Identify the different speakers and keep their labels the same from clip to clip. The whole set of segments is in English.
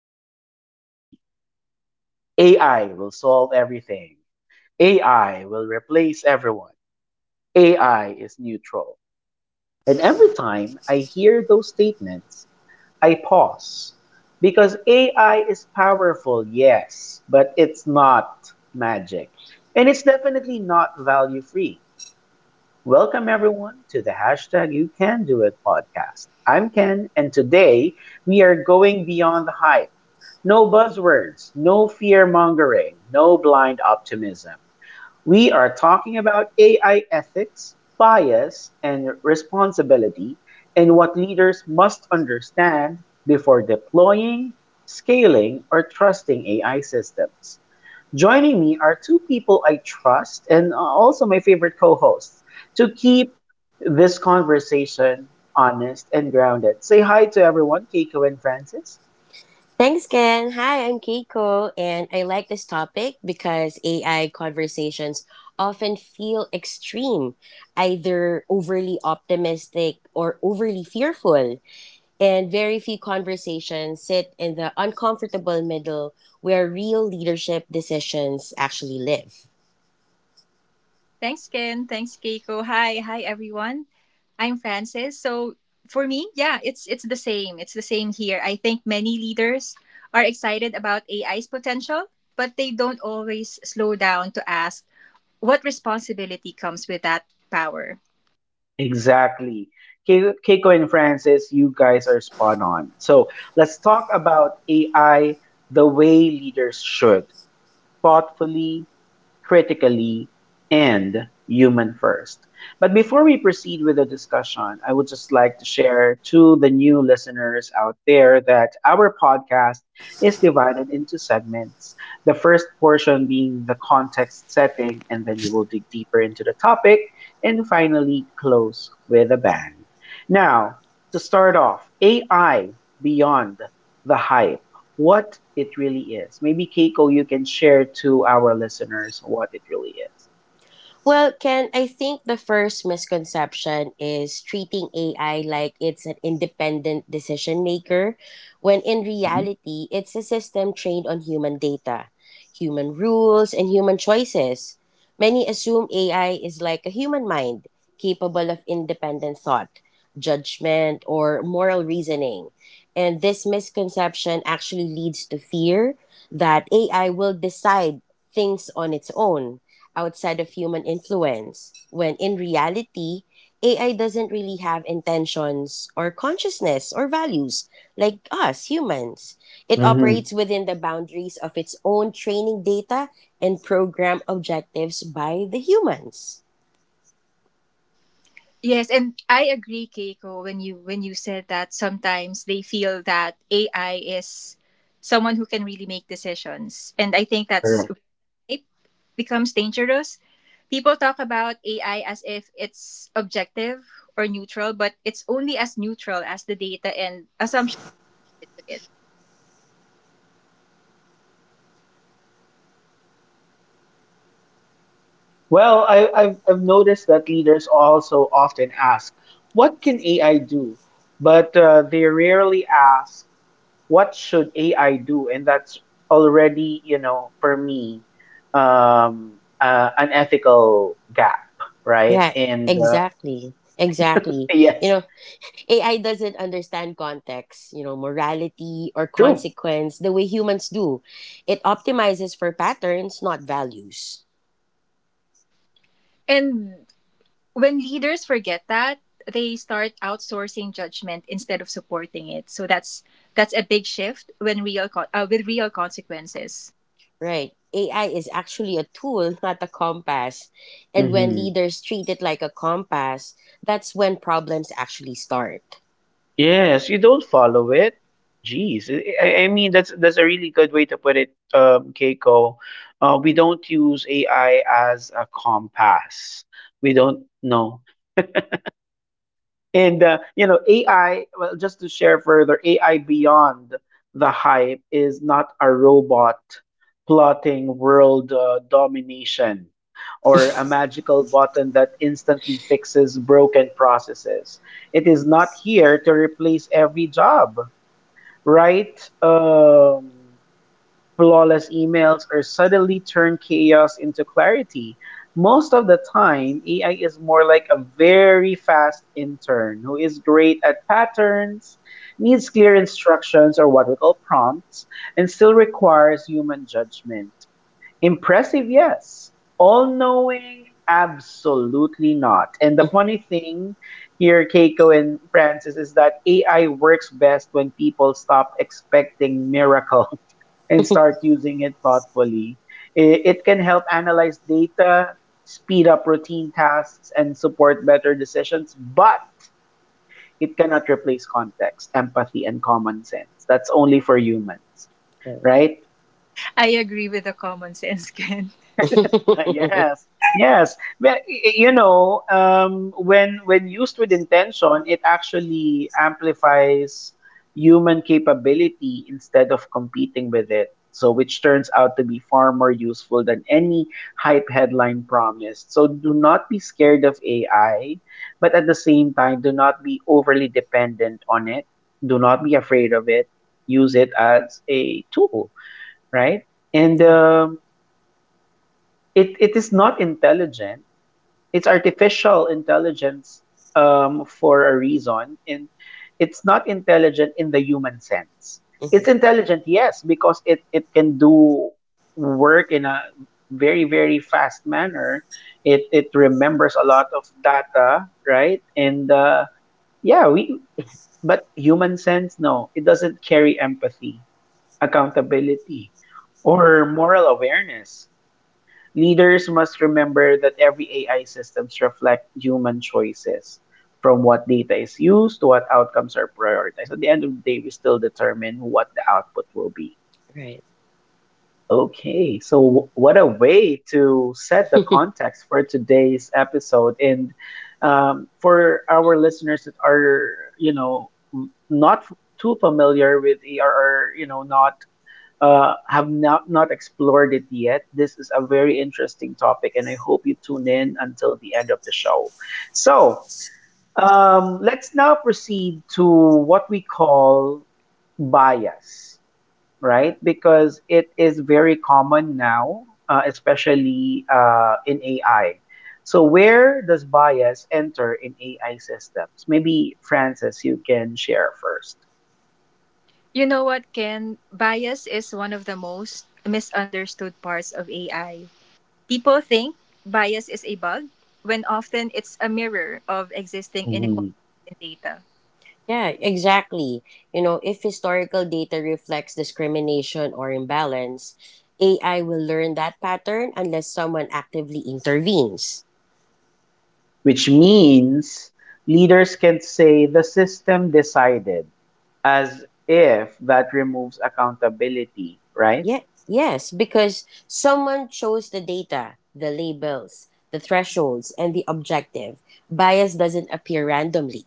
Speaker 1: lot lately. AI will solve everything. AI will replace everyone. AI is neutral. And every time I hear those statements, I pause. Because AI is powerful, yes, but it's not magic. And it's definitely not value free. Welcome, everyone, to the hashtag You Can Do It podcast. I'm Ken, and today we are going beyond the hype. No buzzwords, no fear mongering, no blind optimism. We are talking about AI ethics, bias, and responsibility, and what leaders must understand before deploying, scaling, or trusting AI systems. Joining me are two people I trust and also my favorite co hosts to keep this conversation honest and grounded. Say hi to everyone, Keiko and Francis.
Speaker 2: Thanks, Ken. Hi, I'm Keiko, and I like this topic because AI conversations often feel extreme, either overly optimistic or overly fearful. And very few conversations sit in the uncomfortable middle where real leadership decisions actually live.
Speaker 3: Thanks, Ken. Thanks, Keiko. Hi, everyone. I'm Francis. So for me, it's the same. It's the same here. I think many leaders are excited about AI's potential, but they don't always slow down to ask what responsibility comes with that power.
Speaker 1: Exactly. Keiko and Francis, you guys are spot on. So let's talk about AI the way leaders should, thoughtfully, critically, and human first. But before we proceed with the discussion, I would just like to share to the new listeners out there that our podcast is divided into segments. The first portion being the context setting, and then we will dig deeper into the topic and finally close with a bang. Now, to start off, AI beyond the hype, what it really is. Maybe Keiko, you can share to our listeners what it really is.
Speaker 2: Well, Ken, I think the first misconception is treating AI like it's an independent decision maker, when in reality, it's a system trained on human data, human rules, and human choices. Many assume AI is like a human mind, capable of independent thought, judgment, or moral reasoning. And this misconception actually leads to fear that AI will decide things on its own outside of human influence, when in reality, AI doesn't really have intentions or consciousness or values like us humans. It
Speaker 1: Mm-hmm.
Speaker 2: operates within the boundaries of its own training data and program objectives by the humans.
Speaker 3: Yes, and I agree, Keiko, when you said that sometimes they feel that AI is someone who can really make decisions. And I think that's
Speaker 1: Correct.
Speaker 3: hype becomes dangerous. People talk about AI as if it's objective or neutral, but it's only as neutral as the data and assumptions related to it.
Speaker 1: Well, I've noticed that leaders also often ask, what can AI do? But they rarely ask, what should AI do? And that's already, you know, for me, an ethical gap, right?
Speaker 2: Yeah,
Speaker 1: And
Speaker 2: exactly. Exactly. You
Speaker 1: yes,
Speaker 2: know, AI doesn't understand context, morality or
Speaker 1: true.
Speaker 2: consequence the way humans do. It optimizes for patterns, not values.
Speaker 3: And when leaders forget that, they start outsourcing judgment instead of supporting it. So that's a big shift with real consequences.
Speaker 2: Right. AI is actually a tool, not a compass. And when leaders treat it like a compass, that's when problems actually start.
Speaker 1: Yes, you don't follow it. Jeez, I mean that's a really good way to put it, Keiko. We don't use AI as a compass. We don't know, and you know AI. Well, just to share further, AI beyond the hype is not a robot plotting world domination or a magical button that instantly fixes broken processes. It is not here to replace every job, write flawless emails, or suddenly turn chaos into clarity. Most of the time, AI is more like a very fast intern who is great at patterns, needs clear instructions or what we call prompts, and still requires human judgment. Impressive, yes. All knowing, absolutely not. And the funny thing here, Keiko and Francis, is that AI works best when people stop expecting miracles and start using it thoughtfully. It can help analyze data, speed up routine tasks, and support better decisions, but it cannot replace context, empathy, and common sense. That's only for humans,
Speaker 2: Right.
Speaker 1: right?
Speaker 3: I agree with the common sense, Ken.
Speaker 1: Yes, yes. Well, you know, when used with intention, it actually amplifies human capability instead of competing with it. So, which turns out to be far more useful than any hype headline promised. So, do not be scared of AI, but at the same time, do not be overly dependent on it. Do not be afraid of it. Use it as a tool, right? And
Speaker 2: Yeah.
Speaker 1: um, it is not intelligent, it's artificial intelligence, for a reason, and it's not intelligent in the human sense.
Speaker 2: Mhm.
Speaker 1: It's intelligent, yes, because it can do work in a very fast manner. It remembers a lot of data, right? And yeah, we, but human sense, no, it doesn't carry empathy, accountability, or moral awareness. Leaders must remember that every AI systems reflect human choices, from what data is used to what outcomes are prioritized. At the end of the day, we still determine what the output will be.
Speaker 2: Right.
Speaker 1: Okay, so what a way to set the context for today's episode, and for our listeners that are, you know, not too familiar with AR, or you know, not have not, not explored it yet, this is a very interesting topic, and I hope you tune in until the end of the show. So, let's now proceed to what we call bias, right? Because it is very common now, especially in AI. So, where does bias enter in AI systems? Maybe, Francis, you can share first.
Speaker 3: You know what, Ken? Bias is one of the most misunderstood parts of AI. People think bias is a bug, when often it's a mirror of existing inequalities in data.
Speaker 2: Yeah, exactly. You know, if historical data reflects discrimination or imbalance, AI will learn that pattern unless someone actively intervenes.
Speaker 1: Which means leaders can say the system decided as if that removes accountability, right?
Speaker 2: Yeah, yes, because someone chose the data, the labels, the thresholds, and the objective. Bias doesn't appear randomly.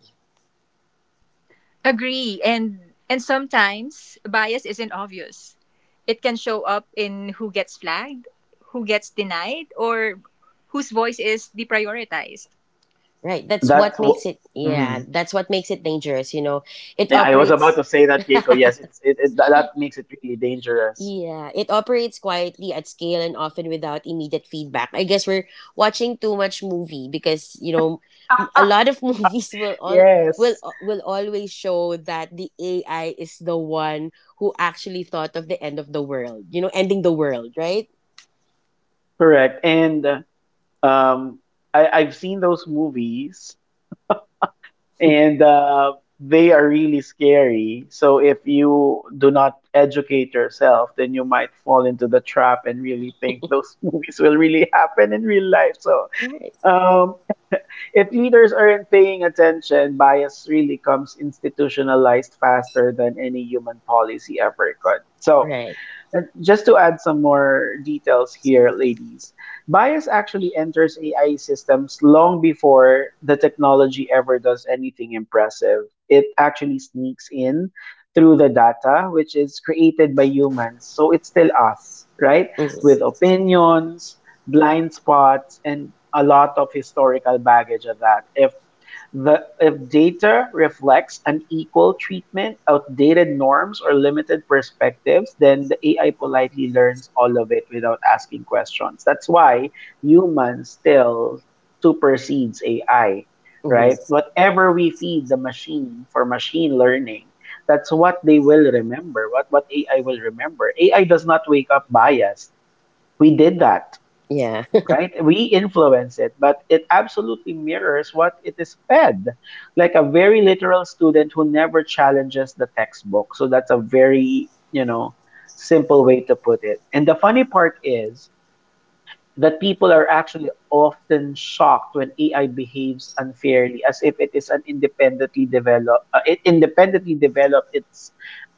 Speaker 3: Agree. And sometimes bias isn't obvious. It can show up in who gets flagged, who gets denied, or whose voice is deprioritized.
Speaker 2: Right. That's
Speaker 1: That's
Speaker 2: what
Speaker 1: what
Speaker 2: makes it
Speaker 1: I
Speaker 2: yeah, that's what makes it dangerous, you know. It
Speaker 1: was about
Speaker 2: operates
Speaker 1: to say that, Keiko. Yes, that makes it really dangerous.
Speaker 2: Yeah, it operates quietly at scale and often without immediate feedback. I guess we're watching too much movie because, you know, a lot of movies will all will
Speaker 1: Yes,
Speaker 2: will always show that the AI is the one who actually thought of the end of the world. You know, ending the world, right?
Speaker 1: correct. Um, I've seen those movies and they are really scary. So if you do not educate yourself, then you might fall into the trap and really think those movies will really happen in real life. So
Speaker 2: Right.
Speaker 1: um, if leaders aren't paying attention, bias really comes institutionalized faster than any human policy ever could. So,
Speaker 2: Right.
Speaker 1: and just to add some more details here, ladies, bias actually enters AI systems long before the technology ever does anything impressive. It actually sneaks in through the data, which is created by humans. So it's still us, right? With
Speaker 2: Mm-hmm.
Speaker 1: opinions, blind spots, and a lot of historical baggage of that. If data reflects unequal treatment, outdated norms, or limited perspectives, then the AI politely learns all of it without asking questions. That's why humans still supersedes AI,
Speaker 2: Hmm.
Speaker 1: right? Whatever we feed the machine for machine learning, that's what they will remember, what AI will remember. AI does not wake up biased. We did that,
Speaker 2: Yeah.
Speaker 1: right? We influence it, but it absolutely mirrors what it is fed. Like a very literal student who never challenges the textbook. So that's a very, you know, simple way to put it. And the funny part is that people are actually often shocked when AI behaves unfairly as if it is an independently developed its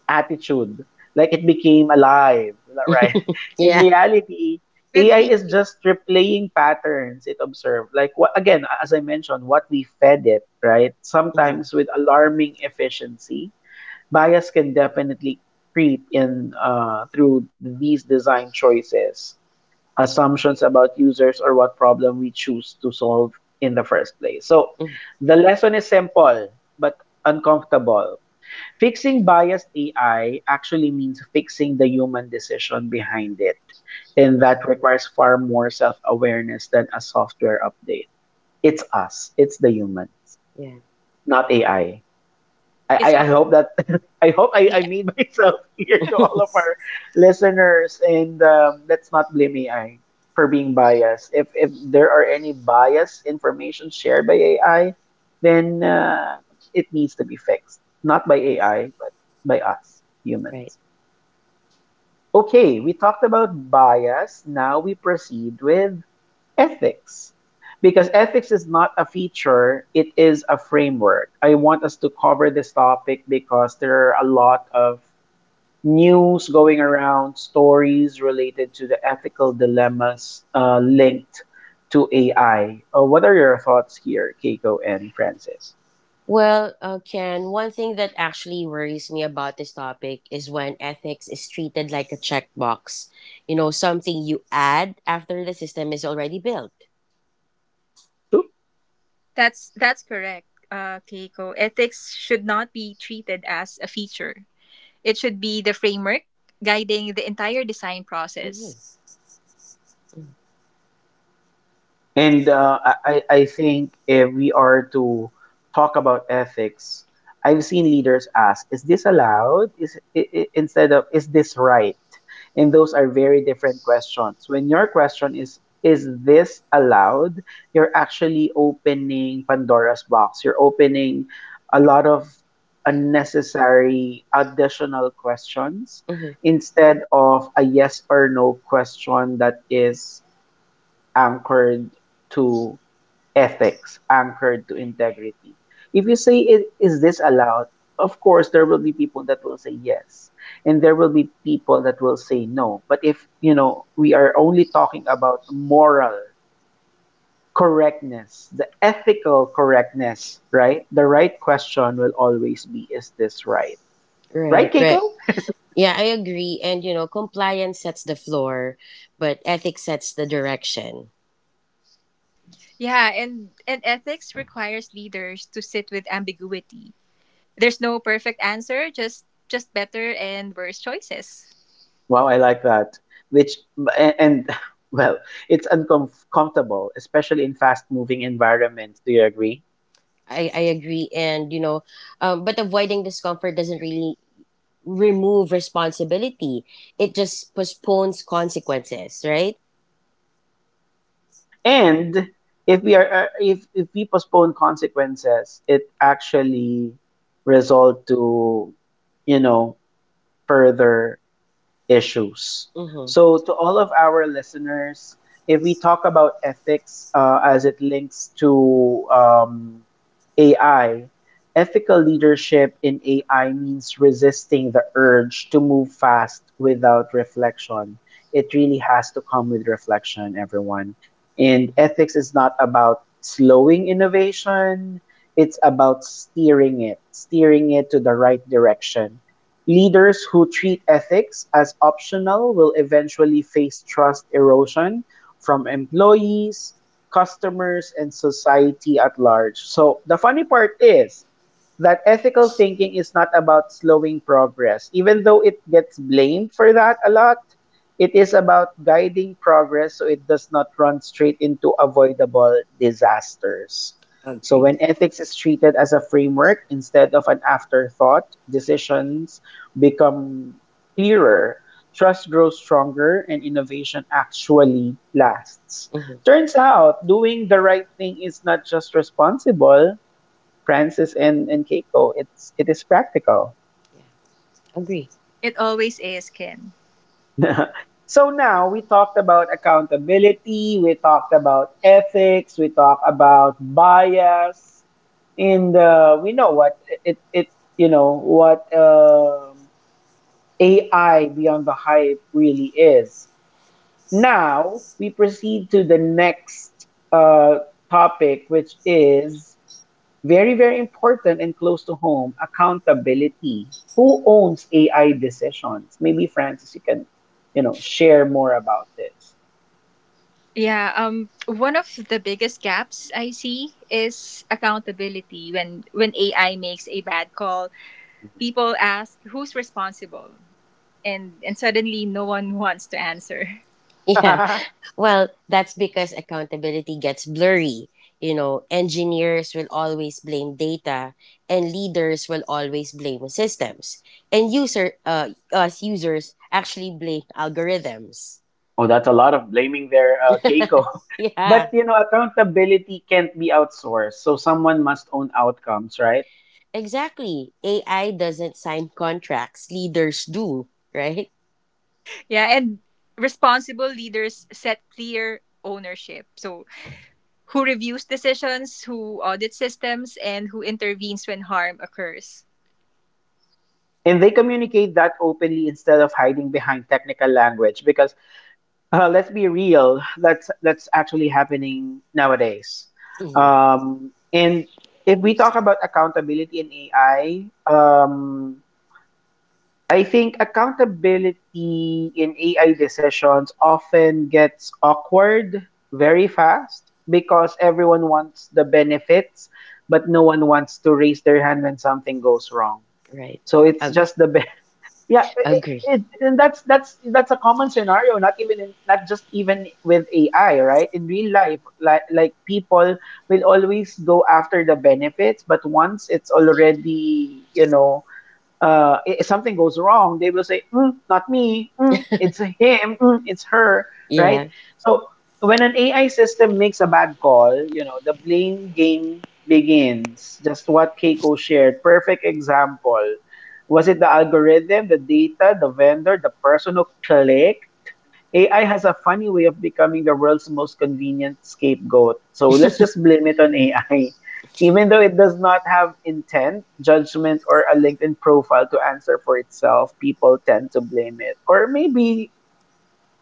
Speaker 1: attitude, like it became alive, right? In
Speaker 2: Yeah.
Speaker 1: reality,
Speaker 3: With
Speaker 1: AI is
Speaker 3: feeding,
Speaker 1: just replaying patterns it observed. Like what again, as I mentioned, what we fed it, right?
Speaker 2: Hmm.
Speaker 1: Sometimes with alarming efficiency, bias can definitely creep in through these design choices, assumptions about users or what problem we choose to solve in the first place. So
Speaker 2: Hmm.
Speaker 1: the lesson is simple but uncomfortable. Fixing biased AI actually means fixing the human decision behind it. And that requires far more self awareness than a software update. It's us, it's the humans,
Speaker 2: Yeah.
Speaker 1: not AI.
Speaker 3: it's
Speaker 1: I
Speaker 3: all
Speaker 1: hope that I hope I
Speaker 3: AI.
Speaker 1: made myself clear to all of our listeners, and let's not blame AI for being biased. If there are any biased information shared by AI, then it needs to be fixed, not by AI but by us
Speaker 2: Right.
Speaker 1: humans. Okay, we talked about bias. Now we proceed with ethics, because ethics is not a feature, it is a framework. I want us to cover this topic because there are a lot of news going around, stories related to the ethical dilemmas linked to AI. What are your thoughts here, Keiko and Francis?
Speaker 2: Well, Ken, one thing that actually worries me about this topic is when ethics is treated like a checkbox. You know, something you add after the system is already built.
Speaker 3: That's correct, Keiko. Ethics should not be treated as a feature. It should be the framework guiding the entire design
Speaker 2: Hmm.
Speaker 3: process.
Speaker 1: And I think if we are to talk about ethics, I've seen leaders ask, "Is this allowed?" Is I Instead of, "Is this right?" And those are very different questions. When your question is, "Is this allowed?" you're actually opening Pandora's box. You're opening a lot of unnecessary additional questions
Speaker 2: Hmm.
Speaker 1: instead of a yes or no question that is anchored to ethics, anchored to integrity. If you say, " is this allowed?" Of course, there will be people that will say yes, and there will be people that will say no. But if, you know, we are only talking about moral correctness, the ethical correctness, right? The right question will always be, is this right? Right,
Speaker 2: Right,
Speaker 1: Keiko?
Speaker 2: right. Yeah, I agree. And you know, compliance sets the floor, but ethics sets the direction.
Speaker 3: Yeah, and ethics requires leaders to sit with ambiguity. There's no perfect answer, just better and worse choices.
Speaker 1: Wow, I like that. Which, and well, it's uncomfortable, especially in fast-moving environments. Do you agree?
Speaker 2: I agree. And but avoiding discomfort doesn't really remove responsibility. It just postpones consequences, right?
Speaker 1: And if we are if we postpone consequences, it actually result to, you know, further issues.
Speaker 2: Mm-hmm.
Speaker 1: So, to all of our listeners, if we talk about ethics as it links to AI, ethical leadership in AI means resisting the urge to move fast without reflection. It really has to come with reflection, everyone. And ethics is not about slowing innovation, it's about steering it to the right direction. Leaders who treat ethics as optional will eventually face trust erosion from employees, customers, and society at large. So the funny part is, that ethical thinking is not about slowing progress. Even though it gets blamed for that a lot, it is about guiding progress so it does not run straight into avoidable disasters. So,
Speaker 2: Agree.
Speaker 1: when ethics is treated as a framework instead of an afterthought, decisions become clearer, trust grows stronger, and innovation actually lasts.
Speaker 2: Mm-hmm.
Speaker 1: Turns out doing the right thing is not just responsible, Francis and Keiko. It is practical.
Speaker 2: Yeah. Agree.
Speaker 3: It always is, Ken.
Speaker 1: So now we talked about accountability, we talked about ethics, we talked about bias, and we know what it you know what AI beyond the hype really is. Now we proceed to the next uh, topic, which is very, very important and close to home, accountability. Who owns AI decisions? Maybe Francis, you can, share more about this.
Speaker 3: Yeah, one of the biggest gaps I see is accountability when AI makes a bad call,
Speaker 1: Mhm.
Speaker 3: people ask who's responsible and suddenly no one wants to answer.
Speaker 2: Yeah. Well, that's because accountability gets blurry. You know, engineers will always blame data, and leaders will always blame systems, and user us users actually blame algorithms.
Speaker 1: Oh, that's a lot of blaming there, Keiko.
Speaker 2: Yeah,
Speaker 1: But accountability can't be outsourced, so someone must own outcomes, right?
Speaker 2: exactly. AI doesn't sign contracts; leaders do, right?
Speaker 3: Yeah, and responsible leaders set clear ownership. So who reviews decisions, who audits systems, and who intervenes when harm occurs.
Speaker 1: And they communicate that openly instead of hiding behind technical language because, let's be real. That's actually happening nowadays.
Speaker 2: Hmm.
Speaker 1: And if we talk about accountability in AI, I think accountability in AI decisions often gets awkward very fast because everyone wants the benefits, but no one wants to raise their hand when something goes wrong.
Speaker 2: Right.
Speaker 1: So it's
Speaker 2: Agree.
Speaker 1: just the. Yeah,
Speaker 2: Agree.
Speaker 1: and that's a common scenario. Not just even with AI, right? In real life, like people will always go after the benefits, but once it's already, if something goes wrong, they will say, mm, "Not me. Mm, it's him. Mm, it's her."
Speaker 2: Yeah.
Speaker 1: Right. So when an AI system makes a bad call, you know the blame game begins. Just what Keiko shared. Perfect example. Was it the algorithm, the data, the vendor, the person who clicked? AI has a funny way of becoming the world's most convenient scapegoat. So let's just blame it on AI. Even though it does not have intent, judgment, or a LinkedIn profile to answer for itself, people tend to blame it. Or maybe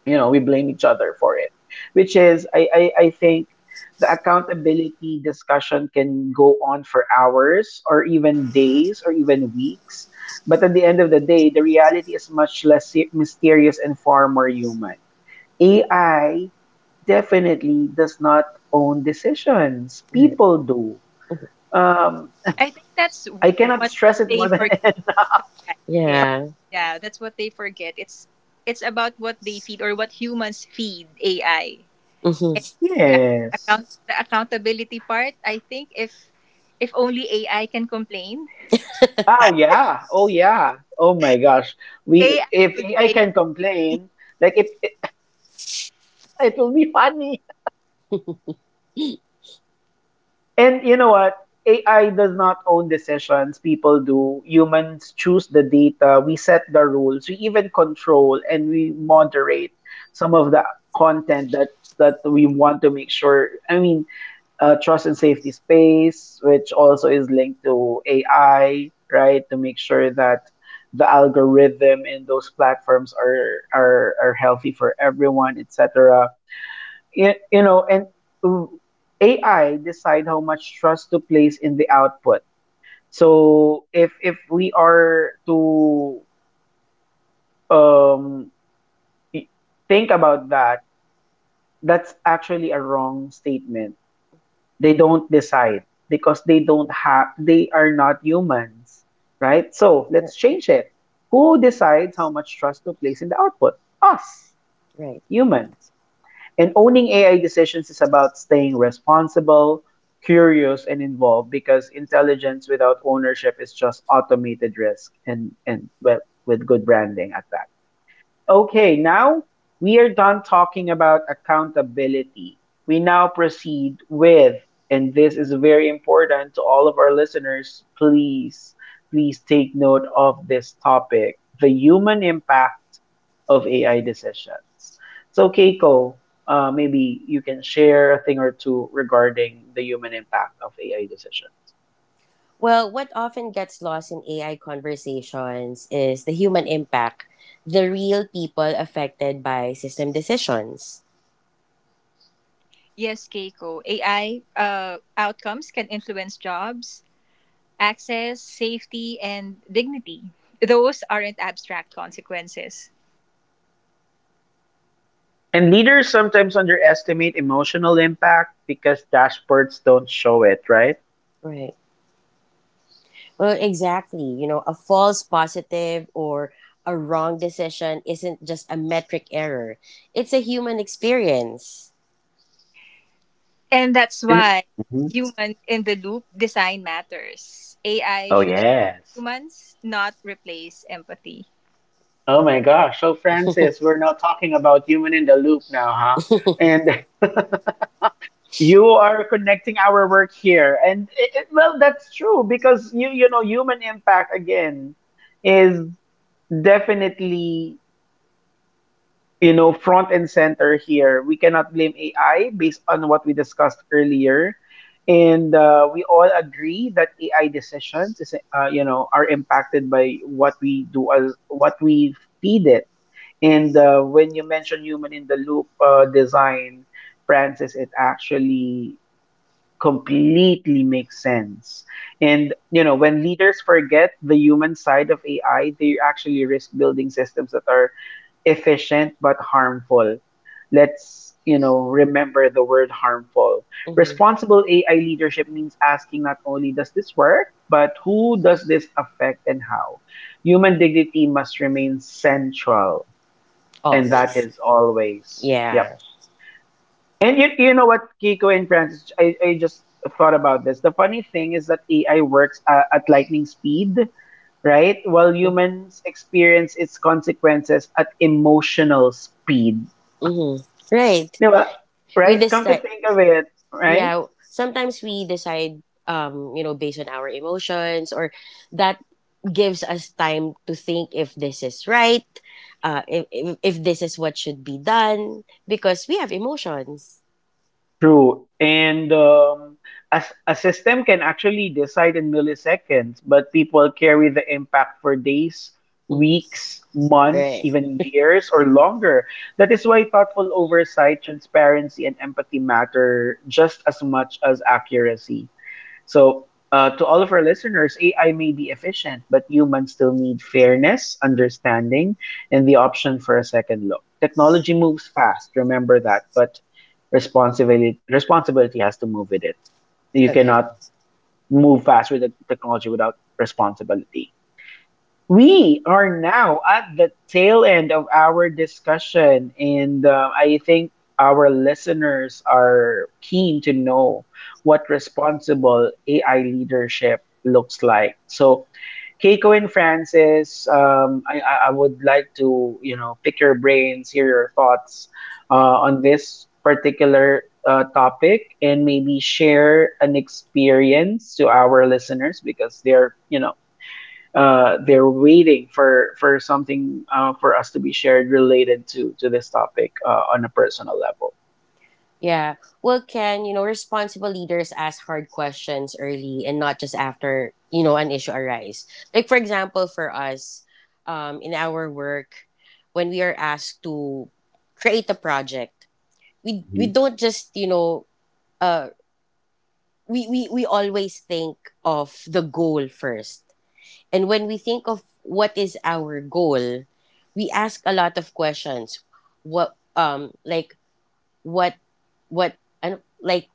Speaker 1: we blame each other for it, which is, I think, the accountability discussion can go on for hours or even days or even weeks. But at the end of the day, the reality is much less mysterious and far more human. AI definitely does not own decisions.
Speaker 2: Right.
Speaker 1: People do. um
Speaker 3: I think that's w-
Speaker 1: I cannot
Speaker 3: what
Speaker 1: stress it
Speaker 3: they
Speaker 1: more than enough.
Speaker 3: forget.
Speaker 2: Yeah.
Speaker 3: Yeah, that's what they forget. It's about what they feed or what humans feed AI.
Speaker 2: Hmm.
Speaker 3: And yeah,
Speaker 1: Yes.
Speaker 3: accountability part. I think if only AI can complain,
Speaker 1: Oh yeah. Oh yeah. Oh my gosh. We
Speaker 3: AI
Speaker 1: If
Speaker 3: would
Speaker 1: AI
Speaker 3: say
Speaker 1: can complain, like it will be funny. And you know what? AI does not own decisions. People do. Humans choose the data. We set the rules. We even control, and we moderate some of the content that we want to make sure. I mean, trust and safety space, which also is linked to AI, right? To make sure that the algorithm in those platforms are healthy for everyone, etc. You, you know, and mm, AI decide how much trust to place in the output. So if we are to, um, think about that, that's actually a wrong statement. They don't decide because they don't have, they are not humans, right? So let's change it. Who decides how much trust to place in the output? Us
Speaker 2: Right.
Speaker 1: humans. And owning AI decisions is about staying responsible, curious, and involved, because intelligence without ownership is just automated risk, and, well, with good branding at that. Okay, now we are done talking about accountability. We now proceed with, and this is very important to all of our listeners, please, please take note of this topic, the human impact of AI decisions. So, Keiko, maybe you can share a thing or two regarding the human impact of AI decisions.
Speaker 2: Well, what often gets lost in AI conversations is the human impact, the real people affected by system decisions.
Speaker 3: yes, Keiko. AI outcomes can influence jobs, access, safety, and dignity. Those aren't abstract consequences.
Speaker 1: And leaders sometimes underestimate emotional impact because dashboards don't show it, right?
Speaker 2: Right. Well, exactly. You know, a false positive or a wrong decision isn't just a metric error, it's a human experience.
Speaker 3: And that's why
Speaker 1: Mhm.
Speaker 3: human in the loop design matters. AI
Speaker 1: Oh,
Speaker 3: should support
Speaker 1: yes.
Speaker 3: humans, not replace empathy.
Speaker 1: Oh my gosh. So, Francis, we're now talking about human in the loop now, huh? And you are connecting our work here. And well, that's true because, human impact again is definitely, front and center here. We cannot blame AI based on what we discussed earlier. And we all agree that AI decisions are impacted by what we do as what we feed it. And when you mention human in the loop design, Francis, it actually completely makes sense. And, when leaders forget the human side of AI, they actually risk building systems that are efficient but harmful. Let's, remember the word harmful.
Speaker 2: Mm-hmm.
Speaker 1: Responsible AI leadership means asking not only does this work, but who does this affect and how? Human dignity must remain central, and that
Speaker 2: Always.
Speaker 1: is always. Yep.
Speaker 2: Yeah.
Speaker 1: And you know what, Kiko and Francis, I just thought about this. The funny thing is that AI works at lightning speed, right? While humans experience its consequences at emotional speed.
Speaker 2: Mm-hmm. Right.
Speaker 1: No,
Speaker 2: We,
Speaker 1: right? Come
Speaker 2: dis-
Speaker 1: to think of it, right?
Speaker 2: yeah, sometimes we decide, you know, based on our emotions, or that gives us time to think if this is right. If this is what should be done, because we have emotions.
Speaker 1: True. And a system can actually decide in milliseconds, but people carry the impact for days,
Speaker 2: Mhm.
Speaker 1: weeks, months,
Speaker 2: Right.
Speaker 1: even years or longer. That is why thoughtful oversight, transparency, and empathy matter just as much as accuracy. So, to all of our listeners, AI may be efficient, but humans still need fairness, understanding, and the option for a second look. Technology moves fast, remember that, but responsibility has to move with it. You
Speaker 2: Agree.
Speaker 1: cannot move fast with the technology without responsibility. We are now at the tail end of our discussion, and I think our listeners are keen to know what responsible AI leadership looks like. So, Keiko and Francis, I would like to, pick your brains, hear your thoughts on this particular topic, and maybe share an experience to our listeners because they're you know they're waiting for something, for us to be shared related to this topic, on a personal level.
Speaker 2: Yeah. Well, can you know, responsible leaders ask hard questions early and not just after, you know, an issue arise. Like for example for us, in our work, when we are asked to create a project, we
Speaker 1: Mhm.
Speaker 2: don't just you know uh we always think of the goal first. And when we think of what is our goal, we ask a lot of questions. What like what what and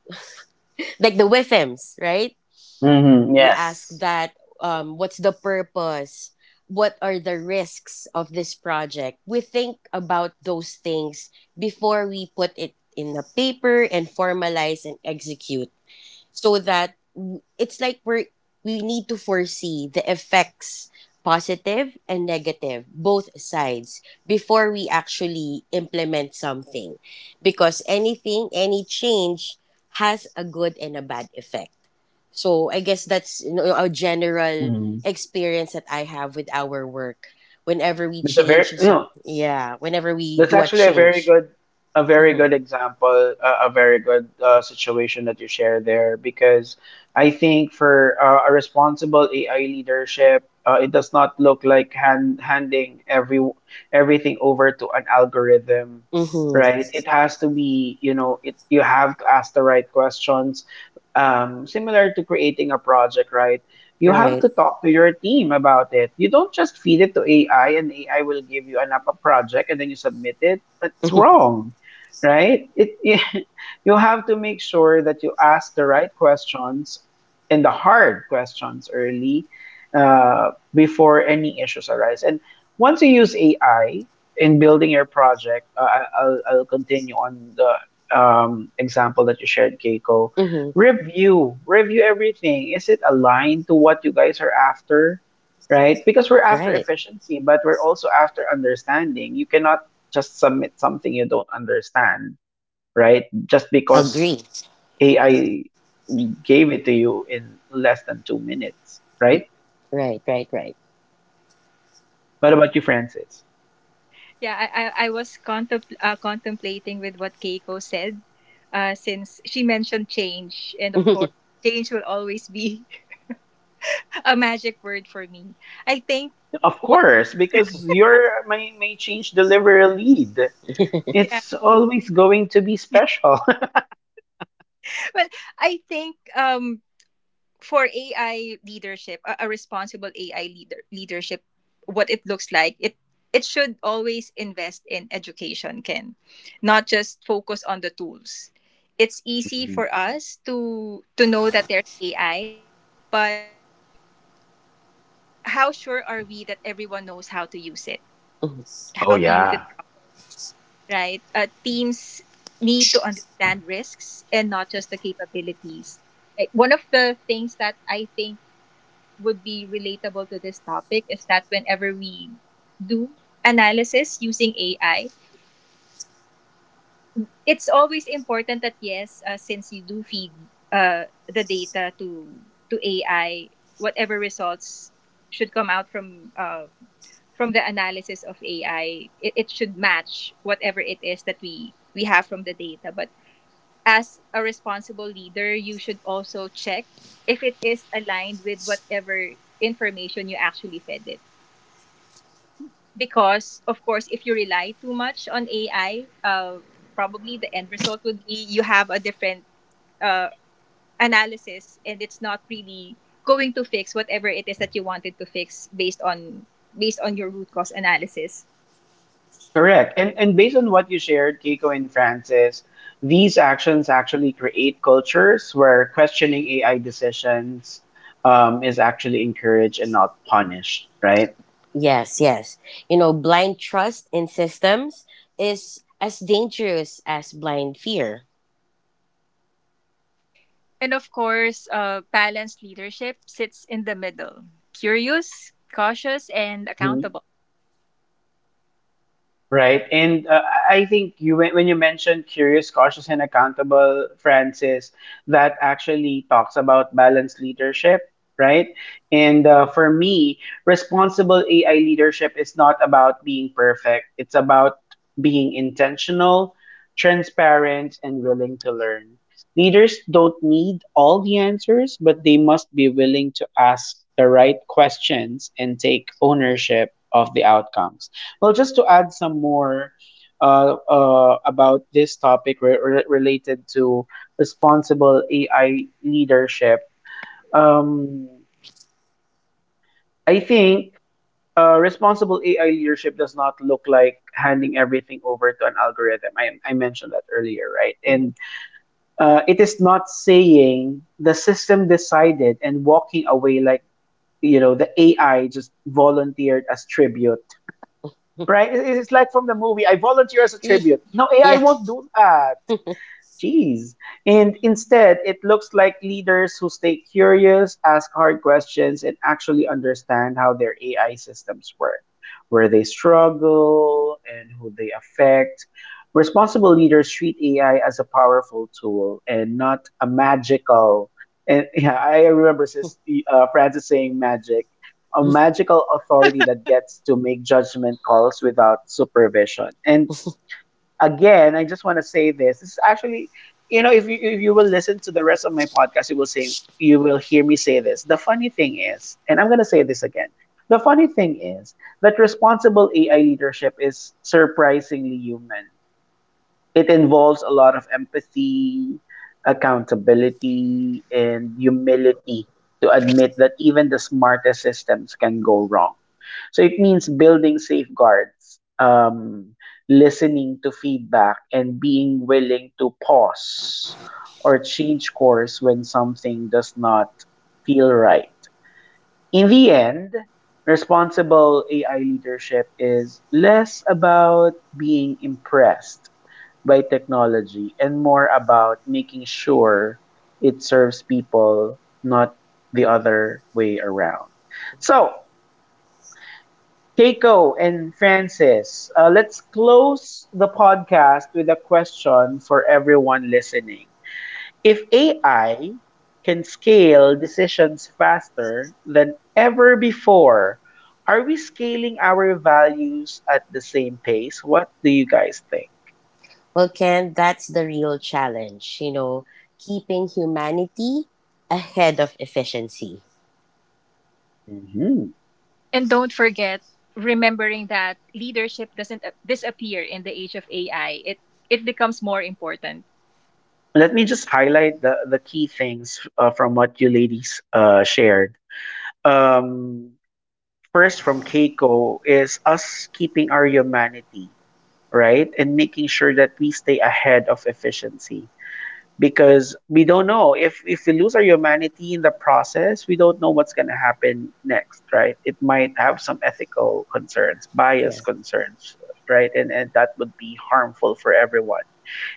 Speaker 2: like the withms right?
Speaker 1: Hmm,
Speaker 2: We ask
Speaker 1: yes.
Speaker 2: that. What's the purpose? What are the risks of this project? We think about those things before we put it in the paper and formalize and execute. So that it's like we're, we need to foresee the effects, positive and negative, both sides, before we actually implement something. Because anything, any change, has a good and a bad effect. So I guess that's, you know, a general
Speaker 1: Mhm.
Speaker 2: experience that I have with our work, whenever we
Speaker 1: it's a very
Speaker 2: change
Speaker 1: you
Speaker 2: some
Speaker 1: know
Speaker 2: yeah whenever we
Speaker 1: That's
Speaker 2: do a
Speaker 1: actually a very
Speaker 2: change.
Speaker 1: good, a, very
Speaker 2: Mm-hmm.
Speaker 1: good example, a very good situation that you share there. Because I think for a responsible AI leadership, it does not look like handing everything over to an algorithm,
Speaker 2: Mm-hmm.
Speaker 1: right? It has to be, it you have to ask the right questions. Similar to creating a project, right? You have
Speaker 2: Right.
Speaker 1: to talk to your team about it. You don't just feed it to AI, and AI will give you an app a project and then you submit it. That's wrong, right? You have to make sure that you ask the right questions and the hard questions early, before any issues arise. And once you use AI in building your project, I'll continue on the, example that you shared, Keiko.
Speaker 2: Mm-hmm.
Speaker 1: Review everything. Is it aligned to what you guys are after, right? Because we're after
Speaker 2: Right.
Speaker 1: efficiency, but we're also after understanding. You cannot just submit something you don't understand, right? Just because
Speaker 2: Agree.
Speaker 1: AI gave it to you in less than 2 minutes,
Speaker 2: Y-
Speaker 1: right?
Speaker 2: Right, right, right.
Speaker 1: What about you, Francis?
Speaker 3: Yeah, I was contemplating with what Keiko said, since she mentioned change. And of course, change will always be a magic word for me. I think
Speaker 1: Of
Speaker 3: what
Speaker 1: course, because your may change delivery lead,
Speaker 3: yeah,
Speaker 1: it's always going to be special.
Speaker 3: well, I think for AI leadership, a responsible AI leadership, what it looks like, it should always invest in education, Ken, not just focus on the tools. It's easy
Speaker 1: Mhm.
Speaker 3: for us to know that there's AI, but how sure are we that everyone knows how to use it? How
Speaker 1: Oh
Speaker 3: to use it
Speaker 1: yeah.
Speaker 3: properly, right? Teams need to understand risks and not just the capabilities. Like, one of the things that I think would be relatable to this topic is that whenever we do analysis using AI, it's always important that yes, since you do feed uh, the data to AI, whatever results should come out from the analysis of AI, it should match whatever it is that we have from the data. But as a responsible leader, you should also check if it is aligned with whatever information you actually fed it. Because of course, if you rely too much on AI, probably the end result would be you have a different uh, analysis and it's not really going to fix whatever it is that you wanted to fix based on your root cause analysis.
Speaker 1: Correct. And based on what you shared, Keiko and Francis, these actions actually create cultures where questioning AI decisions, is actually encouraged and not punished, right?
Speaker 2: Yes, yes. You know, blind trust in systems is as dangerous as blind fear.
Speaker 3: And of course, balanced leadership sits in the middle: curious, cautious, and accountable.
Speaker 1: Right. And I think, you when you mentioned curious, cautious, and accountable, Francis, that actually talks about balanced leadership, right? And for me, responsible AI leadership is not about being perfect. It's about being intentional, transparent, and willing to learn. Leaders don't need all the answers, but they must be willing to ask the right questions and take ownership of the outcomes. Well, just to add some more, about this topic, related to responsible AI leadership, um, I think, responsible AI leadership does not look like handing everything over to an algorithm. I mentioned that earlier, right?
Speaker 2: Mhm.
Speaker 1: And it is not saying the system decided and walking away like, the AI just volunteered as tribute, right? It's like from the movie, I volunteer as a
Speaker 2: Eh.
Speaker 1: tribute. No, AI
Speaker 2: Yeah.
Speaker 1: won't do that. Jeez. And instead, it looks like leaders who stay curious, ask hard questions, and actually understand how their AI systems work, where they struggle, and who they affect. Responsible leaders treat AI as a powerful tool and not a magical. And yeah, I remember sis, Francis saying magic, a magical authority that gets to make judgment calls without supervision. And again, I just want to say this. This is actually, if you will listen to the rest of my podcast, you will hear me say this. The funny thing is, and I'm gonna say this again. The funny thing is that responsible AI leadership is surprisingly human. It involves a lot of empathy, accountability, and humility to admit that even the smartest systems can go wrong. So it means building safeguards, listening to feedback, and being willing to pause or change course when something does not feel right. In the end, responsible AI leadership is less about being impressed by technology and more about making sure it serves people, not the other way around. So, Keiko and Francis, let's close the podcast with a question for everyone listening. If AI can scale decisions faster than ever before, are we scaling our values at the same pace? What do you guys think?
Speaker 2: Well, Ken, that's the real challenge, you know, keeping humanity ahead of efficiency.
Speaker 1: Mhm.
Speaker 3: And don't forget, remembering that leadership doesn't disappear in the age of AI. It becomes more important.
Speaker 1: Let me just highlight the key things, from what you ladies, shared. Um, first, from Keiko, is us keeping our humanity, right? And making sure that we stay ahead of efficiency, because we don't know if we lose our humanity in the process, we don't know what's going to happen next, right? It might have some ethical concerns, bias
Speaker 2: Yeah.
Speaker 1: concerns, right? And that would be harmful for everyone.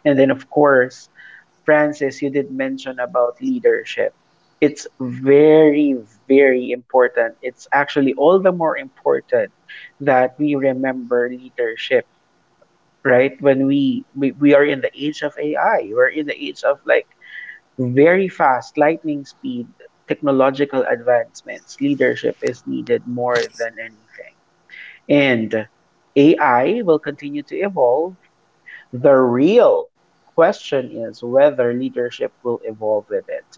Speaker 1: And then, of course, Francis, you did mention about leadership. It's very, very important. It's actually all the more important that we remember leadership, right? When we are in the age of AI, we're in the age of like very fast, lightning speed, technological advancements. Leadership is needed more than anything. And AI will continue to evolve. The real question is whether leadership will evolve with it.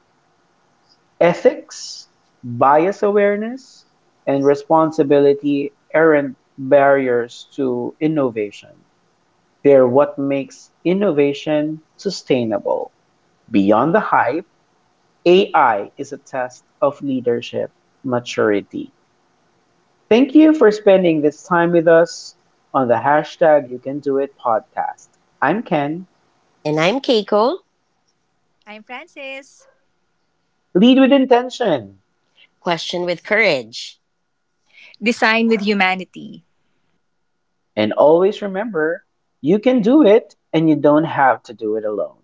Speaker 1: Ethics, bias awareness, and responsibility aren't barriers to innovation. They're what makes innovation sustainable. Beyond the hype, AI is a test of leadership maturity. Thank you for spending this time with us on the hashtag You Can Do It podcast. I'm Ken.
Speaker 2: And I'm Keiko,
Speaker 3: I'm Francis.
Speaker 1: Lead with intention.
Speaker 2: question with courage.
Speaker 3: Design with humanity.
Speaker 1: And always remember, you can do it and you don't have to do it alone.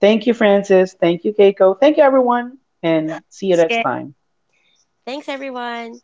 Speaker 1: Thank you, Francis. Thank you, Keiko. Thank you, everyone. And see you next
Speaker 3: Skin.
Speaker 1: time.
Speaker 2: Thanks, everyone.